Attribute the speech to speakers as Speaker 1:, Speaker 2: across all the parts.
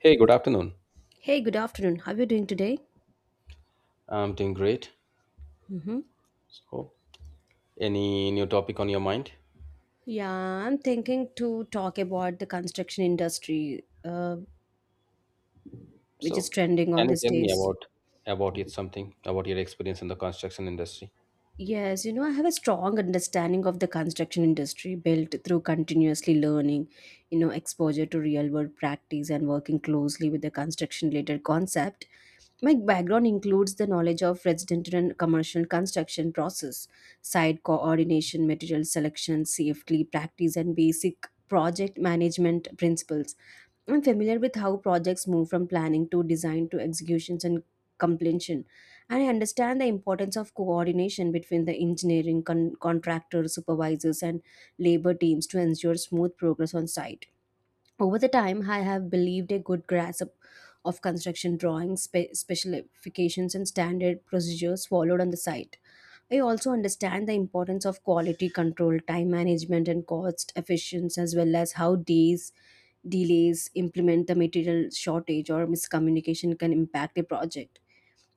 Speaker 1: Hey, good afternoon.
Speaker 2: Hey, good afternoon. How are you doing today?
Speaker 1: I'm doing great.
Speaker 2: hmm
Speaker 1: So, any new topic on your mind?
Speaker 2: Yeah, I'm thinking to talk about the construction industry, which is
Speaker 1: So,
Speaker 2: trending on
Speaker 1: can you
Speaker 2: these
Speaker 1: tell me
Speaker 2: days.
Speaker 1: about it something about your experience in the construction industry?
Speaker 2: Yes, you know, I have a strong understanding of the construction industry built through continuously learning, you know, exposure to real world practice and working closely with the construction related concept. My background includes the knowledge of residential and commercial construction process, site coordination, material selection, safety practice, and basic project management principles. I'm familiar with how projects move from planning to design to executions and completion. And I understand the importance of coordination between the engineering, contractor, supervisors, and labor teams to ensure smooth progress on site. Over the time, I have believed a good grasp of construction drawings, specifications, and standard procedures followed on the site. I also understand the importance of quality control, time management, and cost efficiency, as well as how these delays implement the material shortage or miscommunication can impact a project.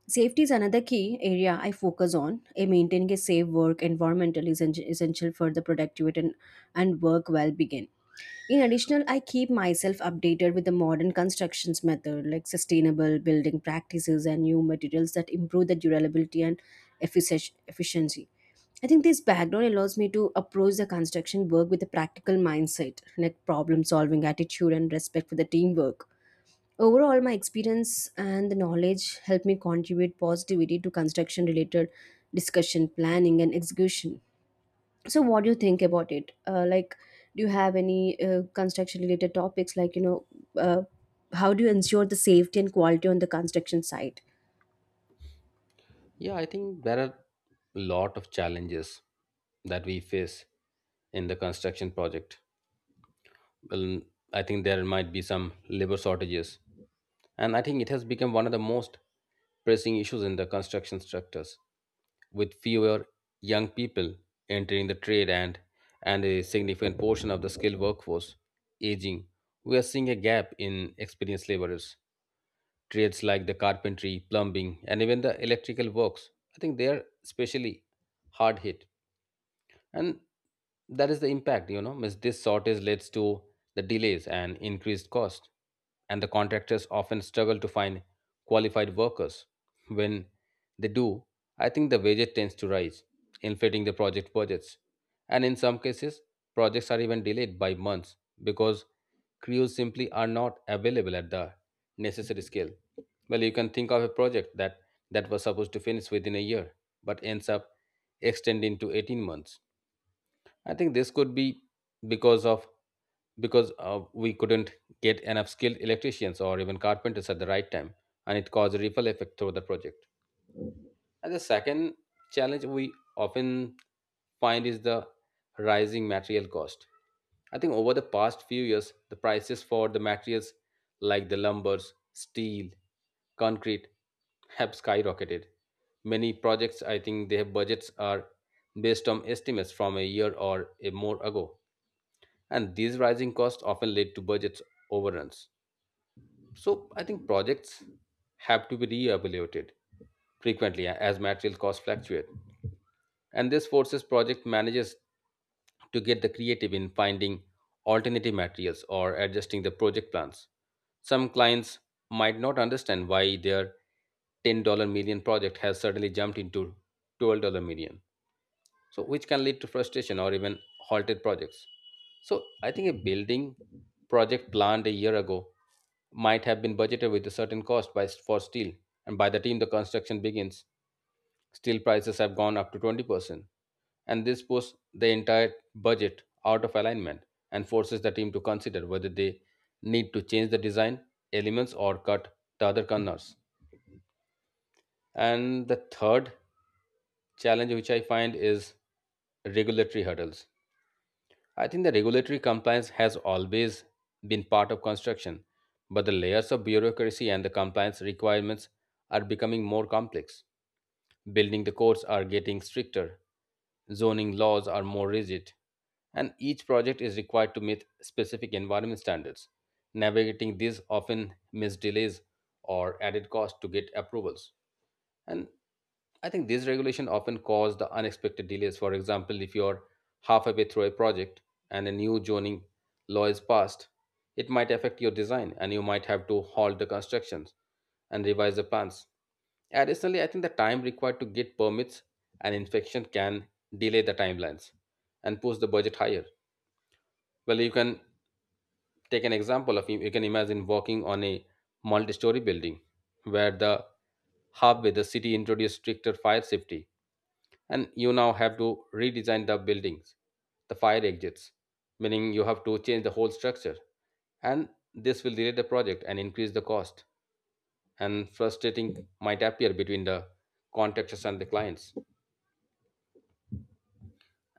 Speaker 2: Safety is another key area I focus on. A maintaining a safe work environment is essential for the productivity and work well being. In additional, I keep myself updated with the modern constructions method, like sustainable building practices and new materials that improve the durability and efficiency. I think this background allows me to approach the construction work with a practical mindset, like problem solving attitude and respect for the teamwork. Overall, my experience and the knowledge help me contribute positivity to construction related discussion, planning, and execution. So what do you think about it, like, do you have any construction related topics like, you know, uh, how do you ensure the safety and quality on the construction site?
Speaker 1: Yeah, I think there are a lot of challenges that we face in the construction project. Well, I think there might be some labor shortages. And I think it has become one of the most pressing issues in the construction sectors, with fewer young people entering the trade, and a significant portion of the skilled workforce aging. We are seeing a gap in experienced laborers. Trades like the carpentry, plumbing, and even the electrical works, I think they are especially hard hit. And that is the impact. You know means This shortage leads to the delays and increased cost, and the contractors often struggle to find qualified workers. When they do, I think the wages tends to rise, inflating the project budgets, and in some cases projects are even delayed by months because crews simply are not available at the necessary scale. Well, you can think of a project that was supposed to finish within a year but ends up extending to 18 months. I think this could be because of because we couldn't get enough skilled electricians or even carpenters at the right time, and it caused a ripple effect through the project. And the second challenge we often find is the rising material cost. I think over the past few years, the prices for the materials like the lumbers, steel, concrete have skyrocketed. Many projects, I think, their budgets are based on estimates from a year or a more ago, and these rising costs often lead to budget overruns. So, I think projects have to be re-evaluated frequently as material costs fluctuate. And this forces project managers to get the creative in finding alternative materials or adjusting the project plans. Some clients might not understand why their $10 million project has suddenly jumped into $12 million, so which can lead to frustration or even halted projects. So I think a building project planned a year ago might have been budgeted with a certain cost for steel, and by the time the construction begins, steel prices have gone up to 20%, and this puts the entire budget out of alignment and forces the team to consider whether they need to change the design elements or cut the other corners. And the third challenge, which I find, is regulatory hurdles. I think the regulatory compliance has always been part of construction, but the layers of bureaucracy and the compliance requirements are becoming more complex. Building the codes are getting stricter, zoning laws are more rigid, and each project is required to meet specific environment standards. Navigating these often means delays or added cost to get approvals. And I think these regulations often cause the unexpected delays. For example, if you're halfway through a project and a new zoning law is passed, it might affect your design and you might have to halt the constructions and revise the plans. Additionally, I think the time required to get permits and inspection can delay the timelines and push the budget higher. Well, you can take an example of, you can imagine walking on a multi-story building where the halfway the city introduced stricter fire safety and you now have to redesign the buildings, the fire exits, meaning you have to change the whole structure, and this will delay the project and increase the cost, and frustrating might appear between the contractors and the clients.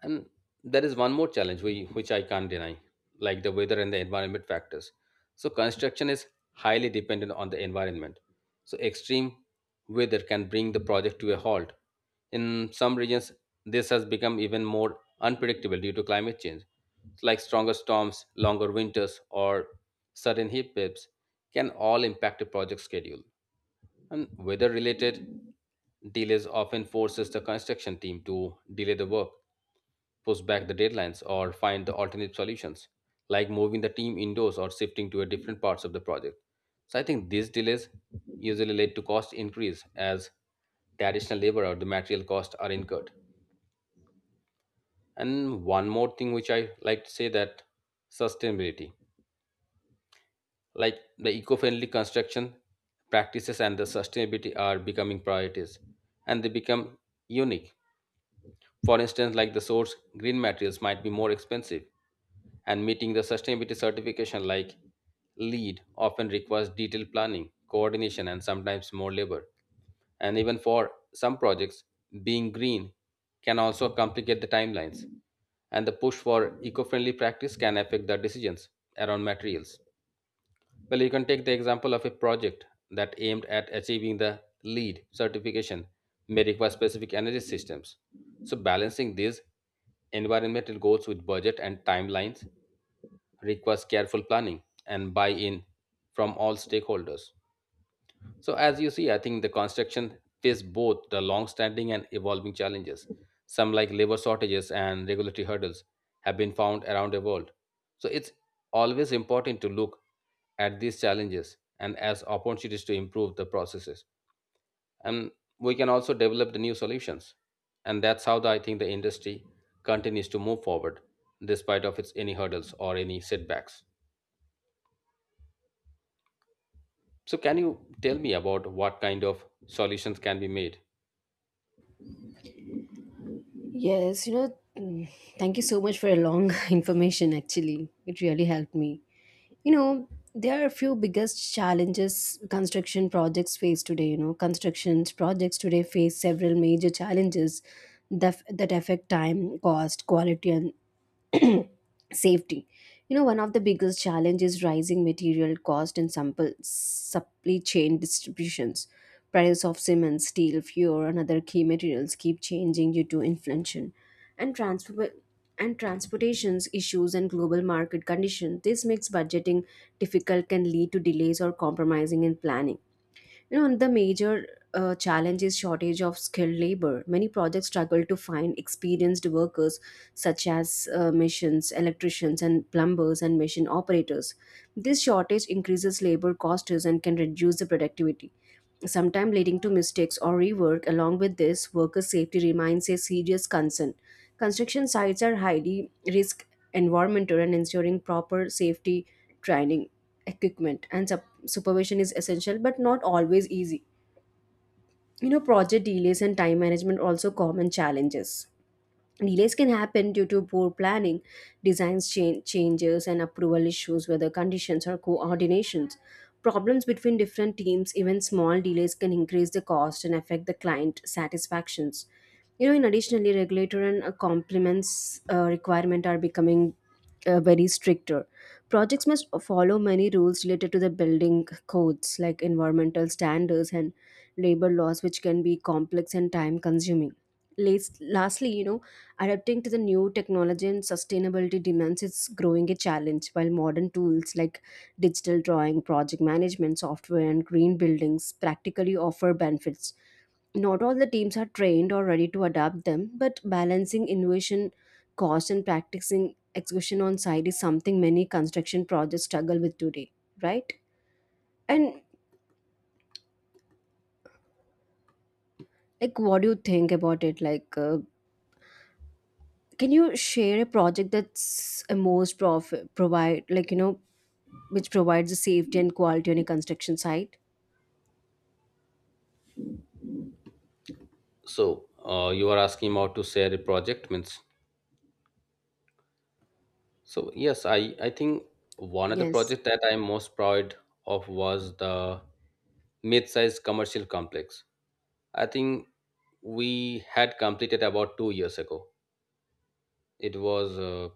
Speaker 1: And there is one more challenge which I can't deny, like the weather and the environment factors. So, construction is highly dependent on the environment. So, extreme weather can bring the project to a halt. In some regions, this has become even more unpredictable due to climate change. Like stronger storms, longer winters, or sudden heat waves can all impact a project schedule. And weather related delays often forces the construction team to delay the work, push back the deadlines, or find the alternate solutions, like moving the team indoors or shifting to a different parts of the project. So I think these delays usually lead to cost increase as the additional labor or the material costs are incurred. And one more thing which I like to say, that sustainability, like the eco-friendly construction practices and the sustainability are becoming priorities, and they become unique. For instance, like the source green materials might be more expensive, and meeting the sustainability certification like LEED often requires detailed planning, coordination, and sometimes more labor. And even for some projects, being green can also complicate the timelines, and the push for eco-friendly practice can affect the decisions around materials. Well, you can take the example of a project that aimed at achieving the LEED certification may require specific energy systems. So, balancing these environmental goals with budget and timelines requires careful planning and buy in from all stakeholders. So, as you see, I think the construction face both the long-standing and evolving challenges. Some, like labor shortages and regulatory hurdles, have been found around the world. So, it's always important to look at these challenges and as opportunities to improve the processes. And we can also develop the new solutions. And that's how I think the industry continues to move forward despite of its any hurdles or any setbacks. So, can you tell me about what kind of solutions can be made?
Speaker 2: Yes, you know. mm, Thank you so much for a long information, actually it really helped me. You know, there are a few biggest challenges construction projects face today. You know, construction projects today face several major challenges that affect time, cost, quality and safety. You know, one of the biggest challenges rising material cost and sample supply chain distributions, price of cement, steel, fuel and other key materials keep changing due to inflation and transfer and transportations issues and global market conditions. This makes budgeting difficult, can lead to delays or compromising in planning. You know, the major challenge is shortage of skilled labor. Many projects struggle to find experienced workers such as missions, electricians and plumbers and machine operators. This shortage increases labor costs and can reduce the productivity, sometimes leading to mistakes or rework. Along with this, worker safety remains a serious concern. Construction sites are highly risk environmental and ensuring proper safety training, equipment, and supervision is essential but not always easy. You know, project delays and time management are also common challenges. Delays can happen due to poor planning, designs changes, and approval issues, whether conditions or coordinations. Problems between different teams, even small delays, can increase the cost and affect the client satisfactions. You know, in additionally, regulator and complements requirement are becoming very stricter. Projects must follow many rules related to the building codes, like environmental standards and labor laws, which can be complex and time consuming. Lastly, you know, adapting to the new technology and sustainability demands is growing a challenge, while modern tools like digital drawing, project management software, and green buildings practically offer benefits. Not all the teams are trained or ready to adapt them, but balancing innovation, cost, and practicing execution on site is something many construction projects struggle with today, right? And like, what do you think about it? Like, can you share a project that's a most provide like, you know, which provides a safety and quality on a construction site?
Speaker 1: So you are asking about to share a project, means. So yes, I think one of the
Speaker 2: Yes.
Speaker 1: project that I'm most proud of was the mid-sized commercial complex. I think we had completed about 2 years ago. It was uh,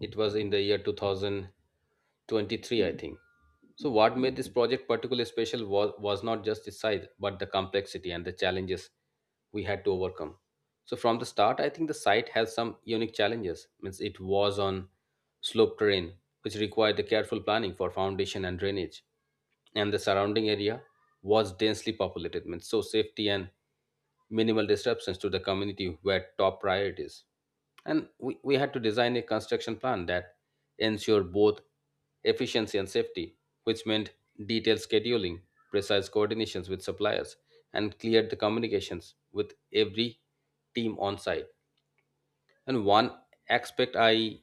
Speaker 1: it was in the year 2023, I think. So, what made this project particularly special was not just its size, but the complexity and the challenges we had to overcome. So, from the start, I think the site has some unique challenges. Means it was on slope terrain, which required the careful planning for foundation and drainage, and the surrounding area was densely populated. Means so safety and minimal disruptions to the community were top priorities. And we had to design a construction plan that ensured both efficiency and safety, which meant detailed scheduling, precise coordinations with suppliers, and cleared the communications with every team on site. And one aspect I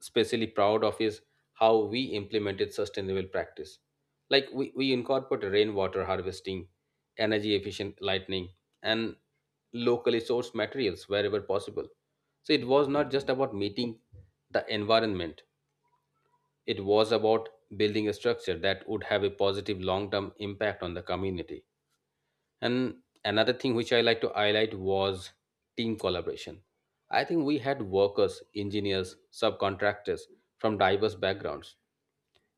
Speaker 1: especially proud of is how we implemented sustainable practice. Like we incorporate rainwater harvesting, energy efficient lighting, and locally sourced materials wherever possible. So it was not just about meeting the environment, it was about building a structure that would have a positive long term impact on the community. And another thing which I like to highlight was team collaboration. I think we had workers, engineers, subcontractors from diverse backgrounds,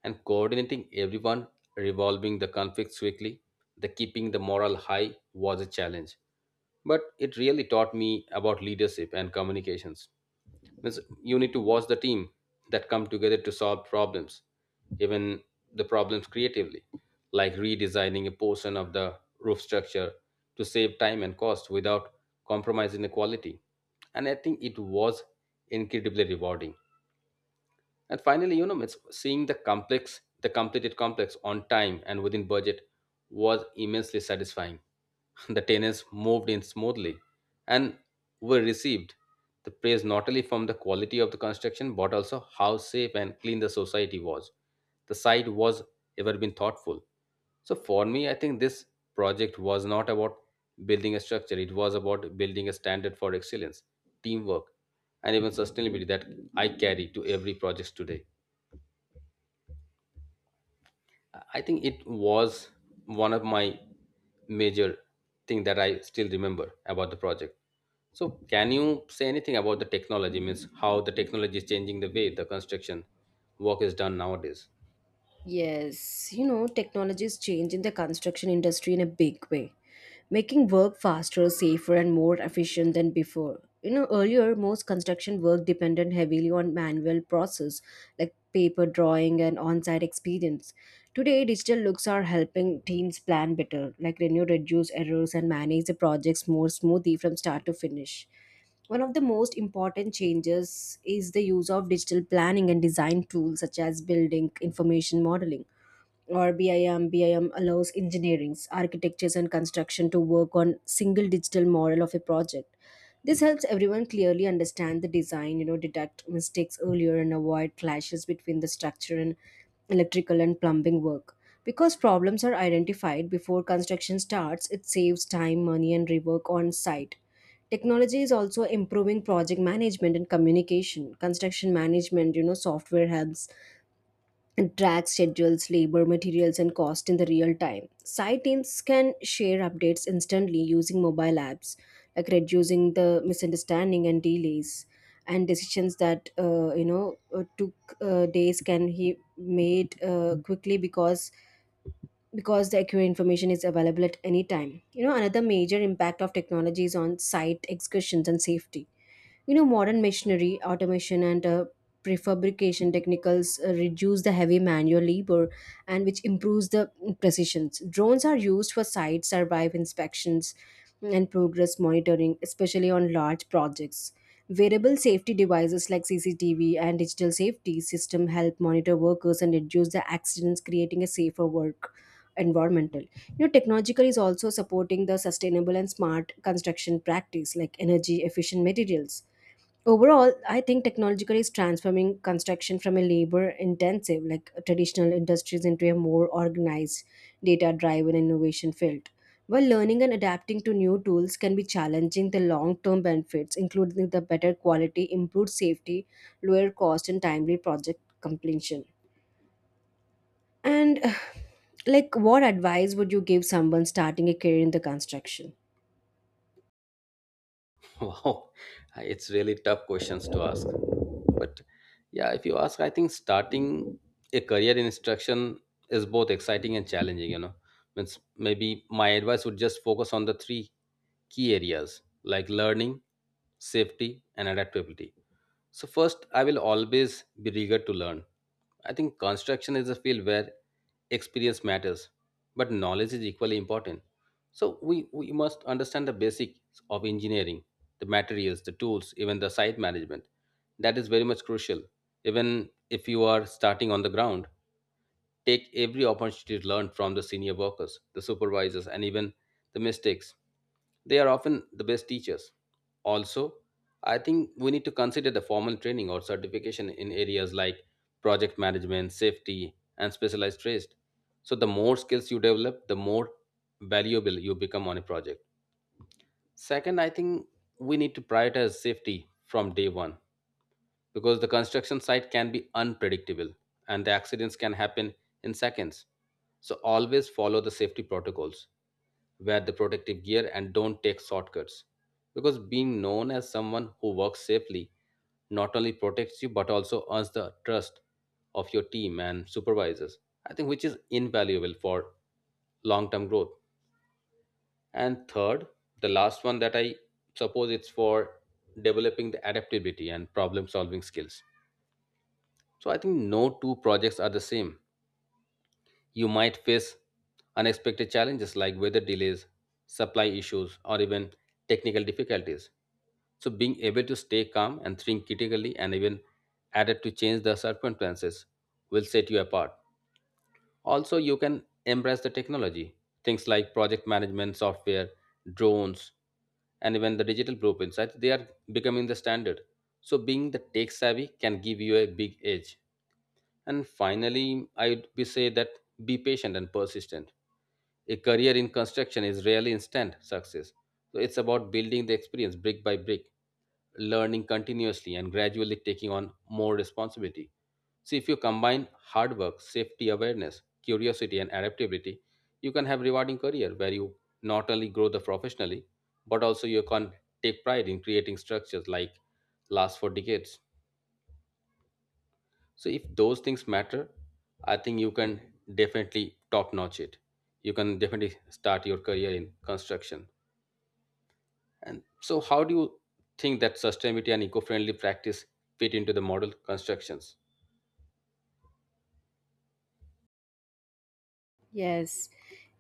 Speaker 1: and coordinating everyone, revolving the conflicts quickly, the keeping the morale high was a challenge, but it really taught me about leadership and communications. Means you need to watch the team that come together to solve problems, even the problems creatively, like redesigning a portion of the roof structure to save time and cost without compromising the quality. And I think it was incredibly rewarding. And finally, you know, it's seeing the complex, the completed complex on time and within budget was immensely satisfying. The tenants moved in smoothly and were received the praise not only from the quality of the construction but also how safe and clean the society was. The site was ever been thoughtful. So for me, I think this project was not about building a structure, it was about building a standard for excellence, teamwork, and even sustainability that I carry to every project today. I think it was one of my major thing that I still remember about the project. So can you say anything about the technology? Means how the technology is changing the way the construction work is done nowadays?
Speaker 2: Yes, you know, technology is changing the construction industry in a big way, making work faster, safer, and more efficient than before. You know, earlier, most construction work depended heavily on manual process like paper drawing and on site experience. Today, digital looks are helping teams plan better, like renew, reduce errors, and manage the projects more smoothly from start to finish. One of the most important changes is the use of digital planning and design tools such as building information modeling or BIM. BIM allows engineers, architects, and construction to work on single digital model of a project. This helps everyone clearly understand the design, you know, detect mistakes earlier and avoid clashes between the structure and electrical and plumbing work. Because problems are identified before construction starts, it saves time, money, and rework on site. Technology is also improving project management and communication. Construction management, you know, software helps and track schedules, labor, materials, and cost in the real time. Site teams can share updates instantly using mobile apps, like reducing the misunderstanding and delays. And decisions that you know took days can he made quickly because the accurate information is available at any time. You know, another major impact of technology is on site excursions and safety. You know, modern machinery automation and prefabrication technicals reduce the heavy manual labor and which improves the precision. Drones are used for site survive inspections and progress monitoring, especially on large projects. Variable safety devices like CCTV and digital safety system help monitor workers and reduce the accidents, creating a safer work environmental. You know, technological is also supporting the sustainable and smart construction practice like energy efficient materials. Overall, I think technological is transforming construction from a labor intensive, like traditional industries, into a more organized, data driven innovation field. While learning and adapting to new tools can be challenging, the long term benefits, including the better quality, improved safety, lower cost, and timely project completion. And, like, what advice would you give someone starting a career in the construction?
Speaker 1: Wow, it's really tough questions to ask. But yeah, if you ask, I think starting a career in instruction is both exciting and challenging. You know, means maybe my advice would just focus on the 3 key areas like learning, safety, and adaptability. So, first, I will always be eager to learn. I think construction is a field where experience matters, but knowledge is equally important. So, we must understand the basics of engineering, the materials, the tools, even the site management. That is very much crucial. Even if you are starting on the ground, take every opportunity to learn from the senior workers, the supervisors, and even the mistakes. They are often the best teachers. Also, I think we need to consider the formal training or certification in areas like project management, safety, and specialized trades. So, the more skills you develop, the more valuable you become on a project. Second, I think we need to prioritize safety from day one because the construction site can be unpredictable and the accidents can happen in seconds. So, always follow the safety protocols, wear the protective gear, and don't take shortcuts because being known as someone who works safely not only protects you but also earns the trust of your team and supervisors, I think, which is invaluable for long term growth. And third, the last one that I suppose it's for developing the adaptability and problem solving skills. So I think no two projects are the same. You might face unexpected challenges like weather delays, supply issues, or even technical difficulties. So, being able to stay calm and think critically and even adapt to change the circumstances will set you apart. Also, you can embrace the technology, things like project management software, drones, and even the digital blueprints. I think they are becoming the standard. So, being the tech savvy can give you a big edge. And finally, I'd be say that be patient and persistent. A career in construction is rarely instant success. So it's about building the experience brick by brick, learning continuously, and gradually taking on more responsibility. See, if you combine hard work, safety awareness, curiosity, and adaptability, you can have rewarding career where you not only grow the professionally, but also you can take pride in creating structures like last for decades. So if those things matter, I think you can definitely top notch it. You can definitely start your career in construction. And so, how do you think that sustainability and eco-friendly practice fit into the model constructions?
Speaker 2: Yes,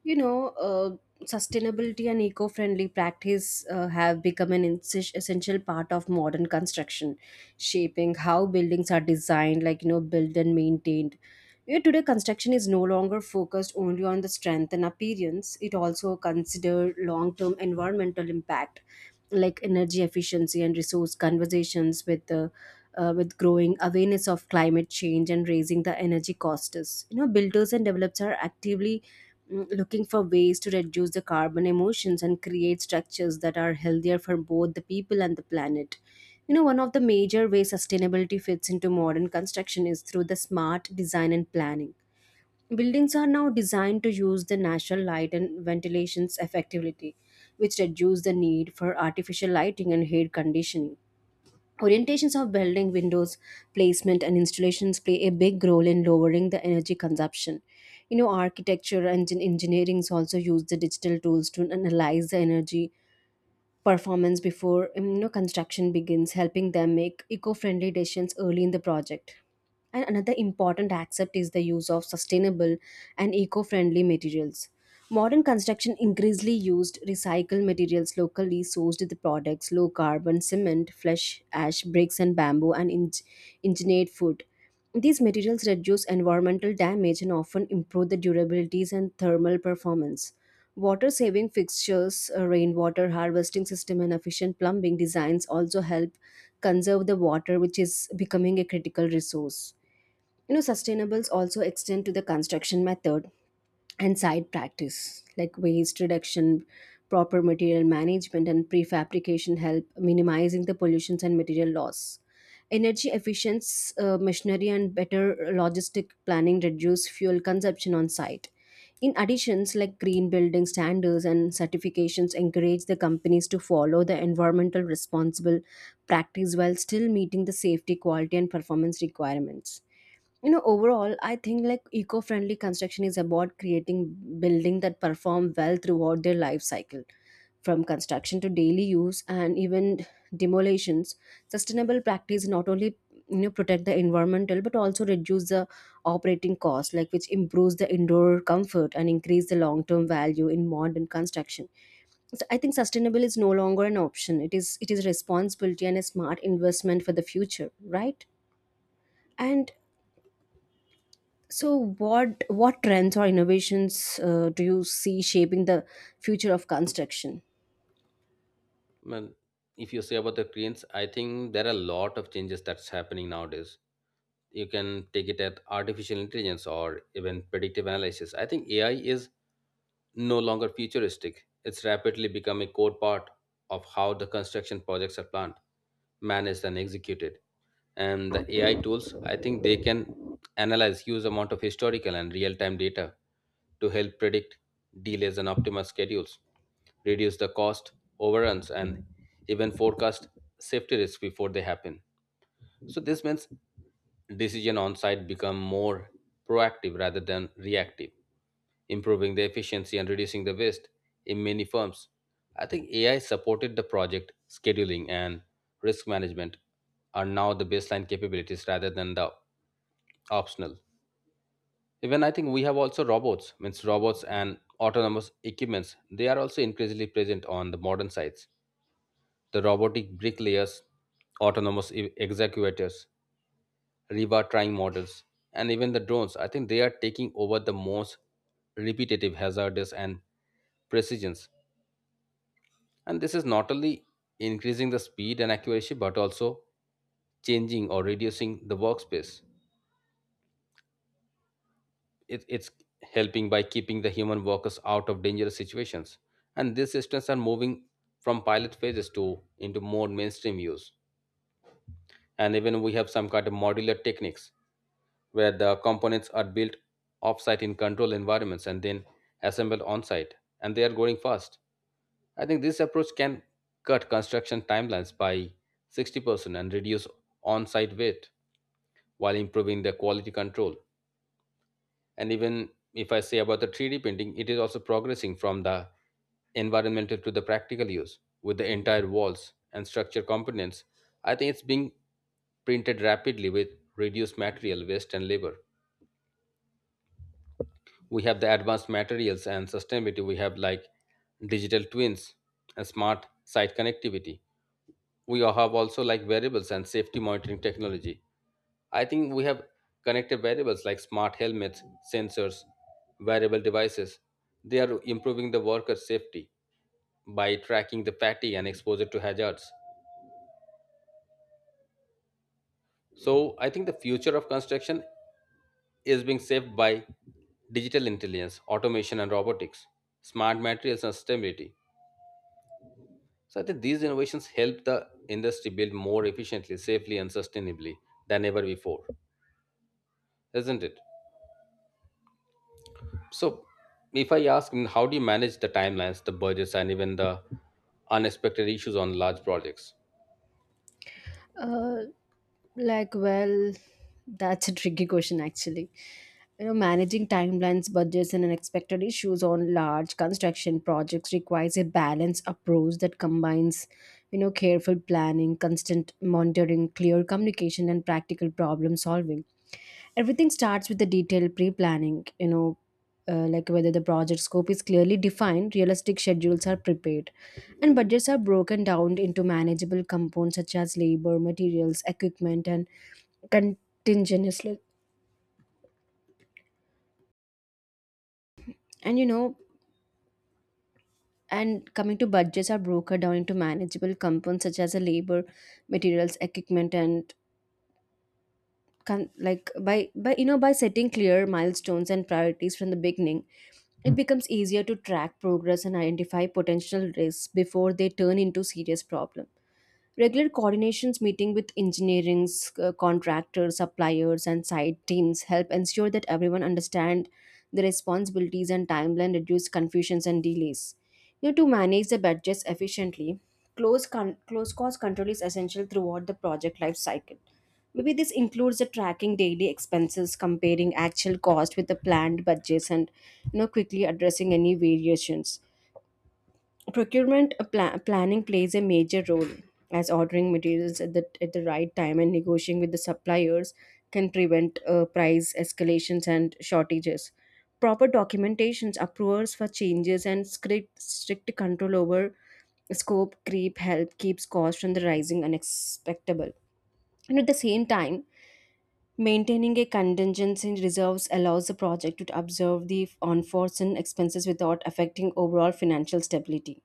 Speaker 2: you know, sustainability and eco-friendly practice have become an essential part of modern construction, shaping how buildings are designed, like you know, built and maintained. You know, today, construction is no longer focused only on the strength and appearance; it also consider long-term environmental impact, like energy efficiency and resource conversations with the with growing awareness of climate change and raising the energy costs. You know, builders and developers are actively looking for ways to reduce the carbon emissions and create structures that are healthier for both the people and the planet. You know, one of the major ways sustainability fits into modern construction is through the smart design and planning. Buildings are now designed to use the natural light and ventilations effectively, which reduce the need for artificial lighting and air conditioning. Orientations of building windows, placement, and installations play a big role in lowering the energy consumption. You know, architecture and engineerings also use the digital tools to analyze the energy performance before you know, construction begins, helping them make eco-friendly decisions early in the project. And another important aspect is the use of sustainable and eco-friendly materials. Modern construction increasingly used recycled materials, locally sourced the products, low carbon cement, flesh ash bricks and bamboo and engineered food. These materials reduce environmental damage and often improve the durabilities and thermal performance. Water saving fixtures, a rainwater harvesting system, and efficient plumbing designs also help conserve the water, which is becoming a critical resource. You know, sustainables also extend to the construction method and side practice like waste reduction, proper material management and prefabrication help minimizing the pollutions and material loss. Energy efficiency machinery and better logistic planning reduce fuel consumption on site. In additions, like green building standards and certifications encourage the companies to follow the environmental responsible practice while still meeting the safety, quality and performance requirements. You know, overall, I think like eco-friendly construction is about creating building that perform well throughout their life cycle, from construction to daily use and even demolitions. Sustainable practice not only, you know, protect the environmental but also reduce the operating cost, like which improves the indoor comfort and increase the long-term value in modern construction. So I think sustainable is no longer an option, it is responsibility and a smart investment for the future, right? And so, what trends or innovations do you see shaping the future of construction?
Speaker 1: Well, if you say about the cranes, I think there are a lot of changes that's happening nowadays. You can take it at artificial intelligence or even predictive analysis. I think AI is no longer futuristic. It's rapidly become a core part of how the construction projects are planned, managed, and executed. And the AI tools, I think they can analyze huge amount of historical and real-time data to help predict delays and optimize schedules, reduce the cost overruns, and even forecast safety risks before they happen. So this means decision on site become more proactive rather than reactive, improving the efficiency and reducing the waste in many firms. I think AI supported the project scheduling and risk management are now the baseline capabilities rather than the optional. Even I think we have also robots, means robots and autonomous equipments. They are also increasingly present on the modern sites. The robotic bricklayers, autonomous executors, river trying models, and even the drones. I think they are taking over the most repetitive, hazardous, and precisions. And this is not only increasing the speed and accuracy, but also changing or reducing the workspace. It's helping by keeping the human workers out of dangerous situations. And these systems are moving from pilot phases to into more mainstream use. And even we have some kind of modular techniques where the components are built offsite in control environments and then assembled on site. And they are growing fast. I think this approach can cut construction timelines by 60% and reduce on site wait while improving the quality control. And even if I say about the 3D printing, it is also progressing from the environmental to the practical use with the entire walls and structure components. I think it's being printed rapidly with reduced material waste and labor. We have the advanced materials and sustainability. We have like digital twins and smart site connectivity. We have also like variables and safety monitoring technology. I think we have connected variables like smart helmets, sensors, wearable devices. They are improving the worker's safety by tracking the fatigue and exposure to hazards. So I think the future of construction is being saved by digital intelligence, automation and robotics, smart materials and sustainability. So I think these innovations help the industry build more efficiently, safely and sustainably than ever before, isn't it? So, if I ask, how do you manage the timelines, the budgets, and even the unexpected issues on large projects?
Speaker 2: Uh, like, well, that's a tricky question, actually. Managing timelines, budgets, and unexpected issues on large construction projects requires a balanced approach that combines, careful planning, constant monitoring, clear communication, and practical problem solving. Everything starts with the detailed pre-planning. Like whether the project scope is clearly defined, realistic schedules are prepared, and budgets are broken down into manageable components such as labor, materials, equipment, and contingency. And you know and coming to budgets are broken down into manageable components such as a labor, materials, equipment, and con- like by you know by setting clear milestones and priorities from the beginning. It becomes easier to track progress and identify potential risks before they turn into serious problems. Regular coordinations meeting with engineering, contractors, suppliers, and site teams help ensure that everyone understand the responsibilities and timeline, reduce confusions and delays. To manage the budgets efficiently, close cost control is essential throughout the project life cycle. Maybe this includes the tracking daily expenses, comparing actual cost with the planned budgets, and quickly addressing any variations. Procurement planning plays a major role as ordering materials at the right time and negotiating with the suppliers can prevent price escalations and shortages. Proper documentations, approvals for changes, and strict control over scope creep help keeps costs from the rising unexpectable. And at the same time, maintaining a contingency reserves allows the project to observe the unforeseen expenses without affecting overall financial stability.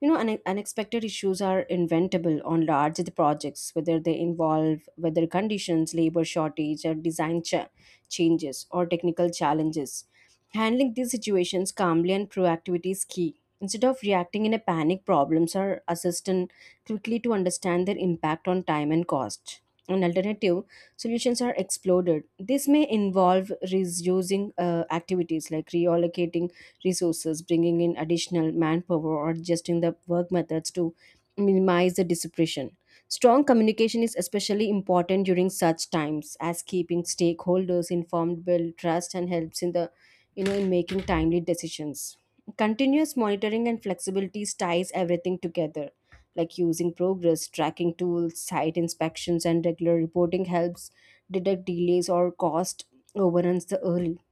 Speaker 2: Unexpected issues are inventable on large projects, whether they involve weather conditions, labor shortage, or design changes, or technical challenges. Handling these situations calmly and proactivity is key. Instead of reacting in a panic, problems are assessed and quickly to understand their impact on time and cost. An alternative solutions are exploded. This may involve reusing activities like reallocating resources, bringing in additional manpower, or adjusting the work methods to minimize the disruption. Strong communication is especially important during such times, as keeping stakeholders informed build trust and helps in the you know in making timely decisions. Continuous monitoring and flexibility ties everything together, like using progress tracking tools, site inspections, and regular reporting helps detect delays or cost overruns the early.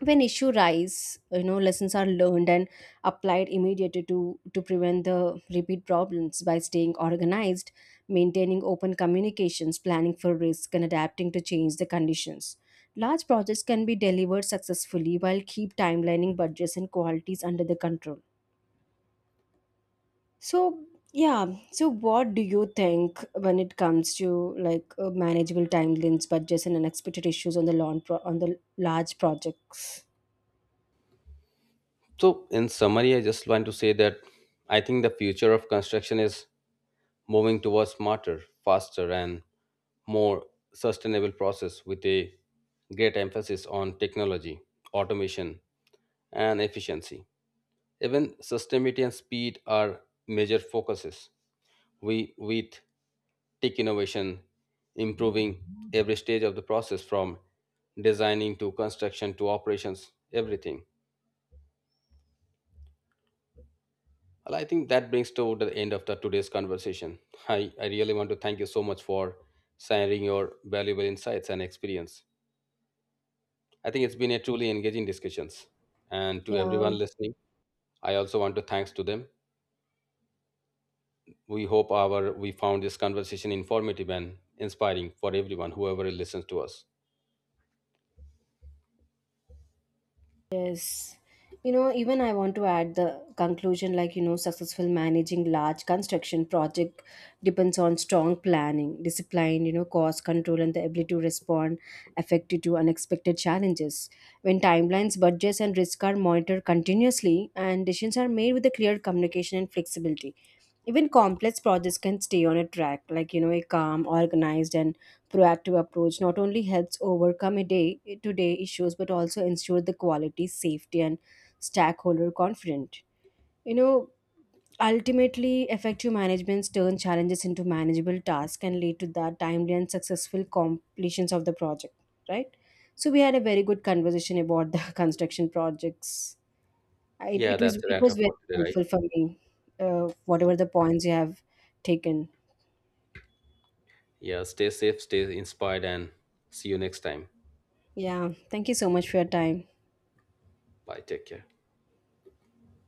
Speaker 2: When issue rise, lessons are learned and applied immediately to prevent the repeat problems by staying organized, maintaining open communications, planning for risk, and adapting to change the conditions. Large projects can be delivered successfully while keep timelining budgets and qualities under the control. So, yeah. So, what do you think when it comes to like manageable timelines, budgets, and unexpected issues on the on the large projects?
Speaker 1: So, in summary, I just want to say that I think the future of construction is moving towards smarter, faster, and more sustainable process with a great emphasis on technology, automation, and efficiency. Even sustainability and speed are major focuses. We with tech innovation, improving every stage of the process from designing to construction to operations, everything. Well, I think that brings to the end of the today's conversation. I really want to thank you so much for sharing your valuable insights and experience. I think it's been a truly engaging discussions. And to
Speaker 2: Yeah.
Speaker 1: everyone listening, I also want to thanks to them. We hope our we found this conversation informative and inspiring for everyone, whoever listens to us.
Speaker 2: Yes. Even I want to add the conclusion like, successful managing large construction project depends on strong planning, discipline, cost control, and the ability to respond effectively to unexpected challenges. When timelines, budgets, and risks are monitored continuously and decisions are made with a clear communication and flexibility. Even complex projects can stay on a track, like, a calm, organized, and proactive approach not only helps overcome a day to day issues but also ensure the quality, safety, and stakeholder confident you know Ultimately, effective managements turn challenges into manageable tasks and lead to the timely and successful completions of the project, right? So we had a very good conversation about the construction projects. I- it,
Speaker 1: Yeah,
Speaker 2: it was
Speaker 1: that's a
Speaker 2: it
Speaker 1: wrap
Speaker 2: was
Speaker 1: up
Speaker 2: very
Speaker 1: for today, right?
Speaker 2: helpful for me, whatever the points you have taken.
Speaker 1: Yeah, stay safe, stay inspired, and see you next time.
Speaker 2: Yeah, thank you so much for your time.
Speaker 1: Bye. Take care.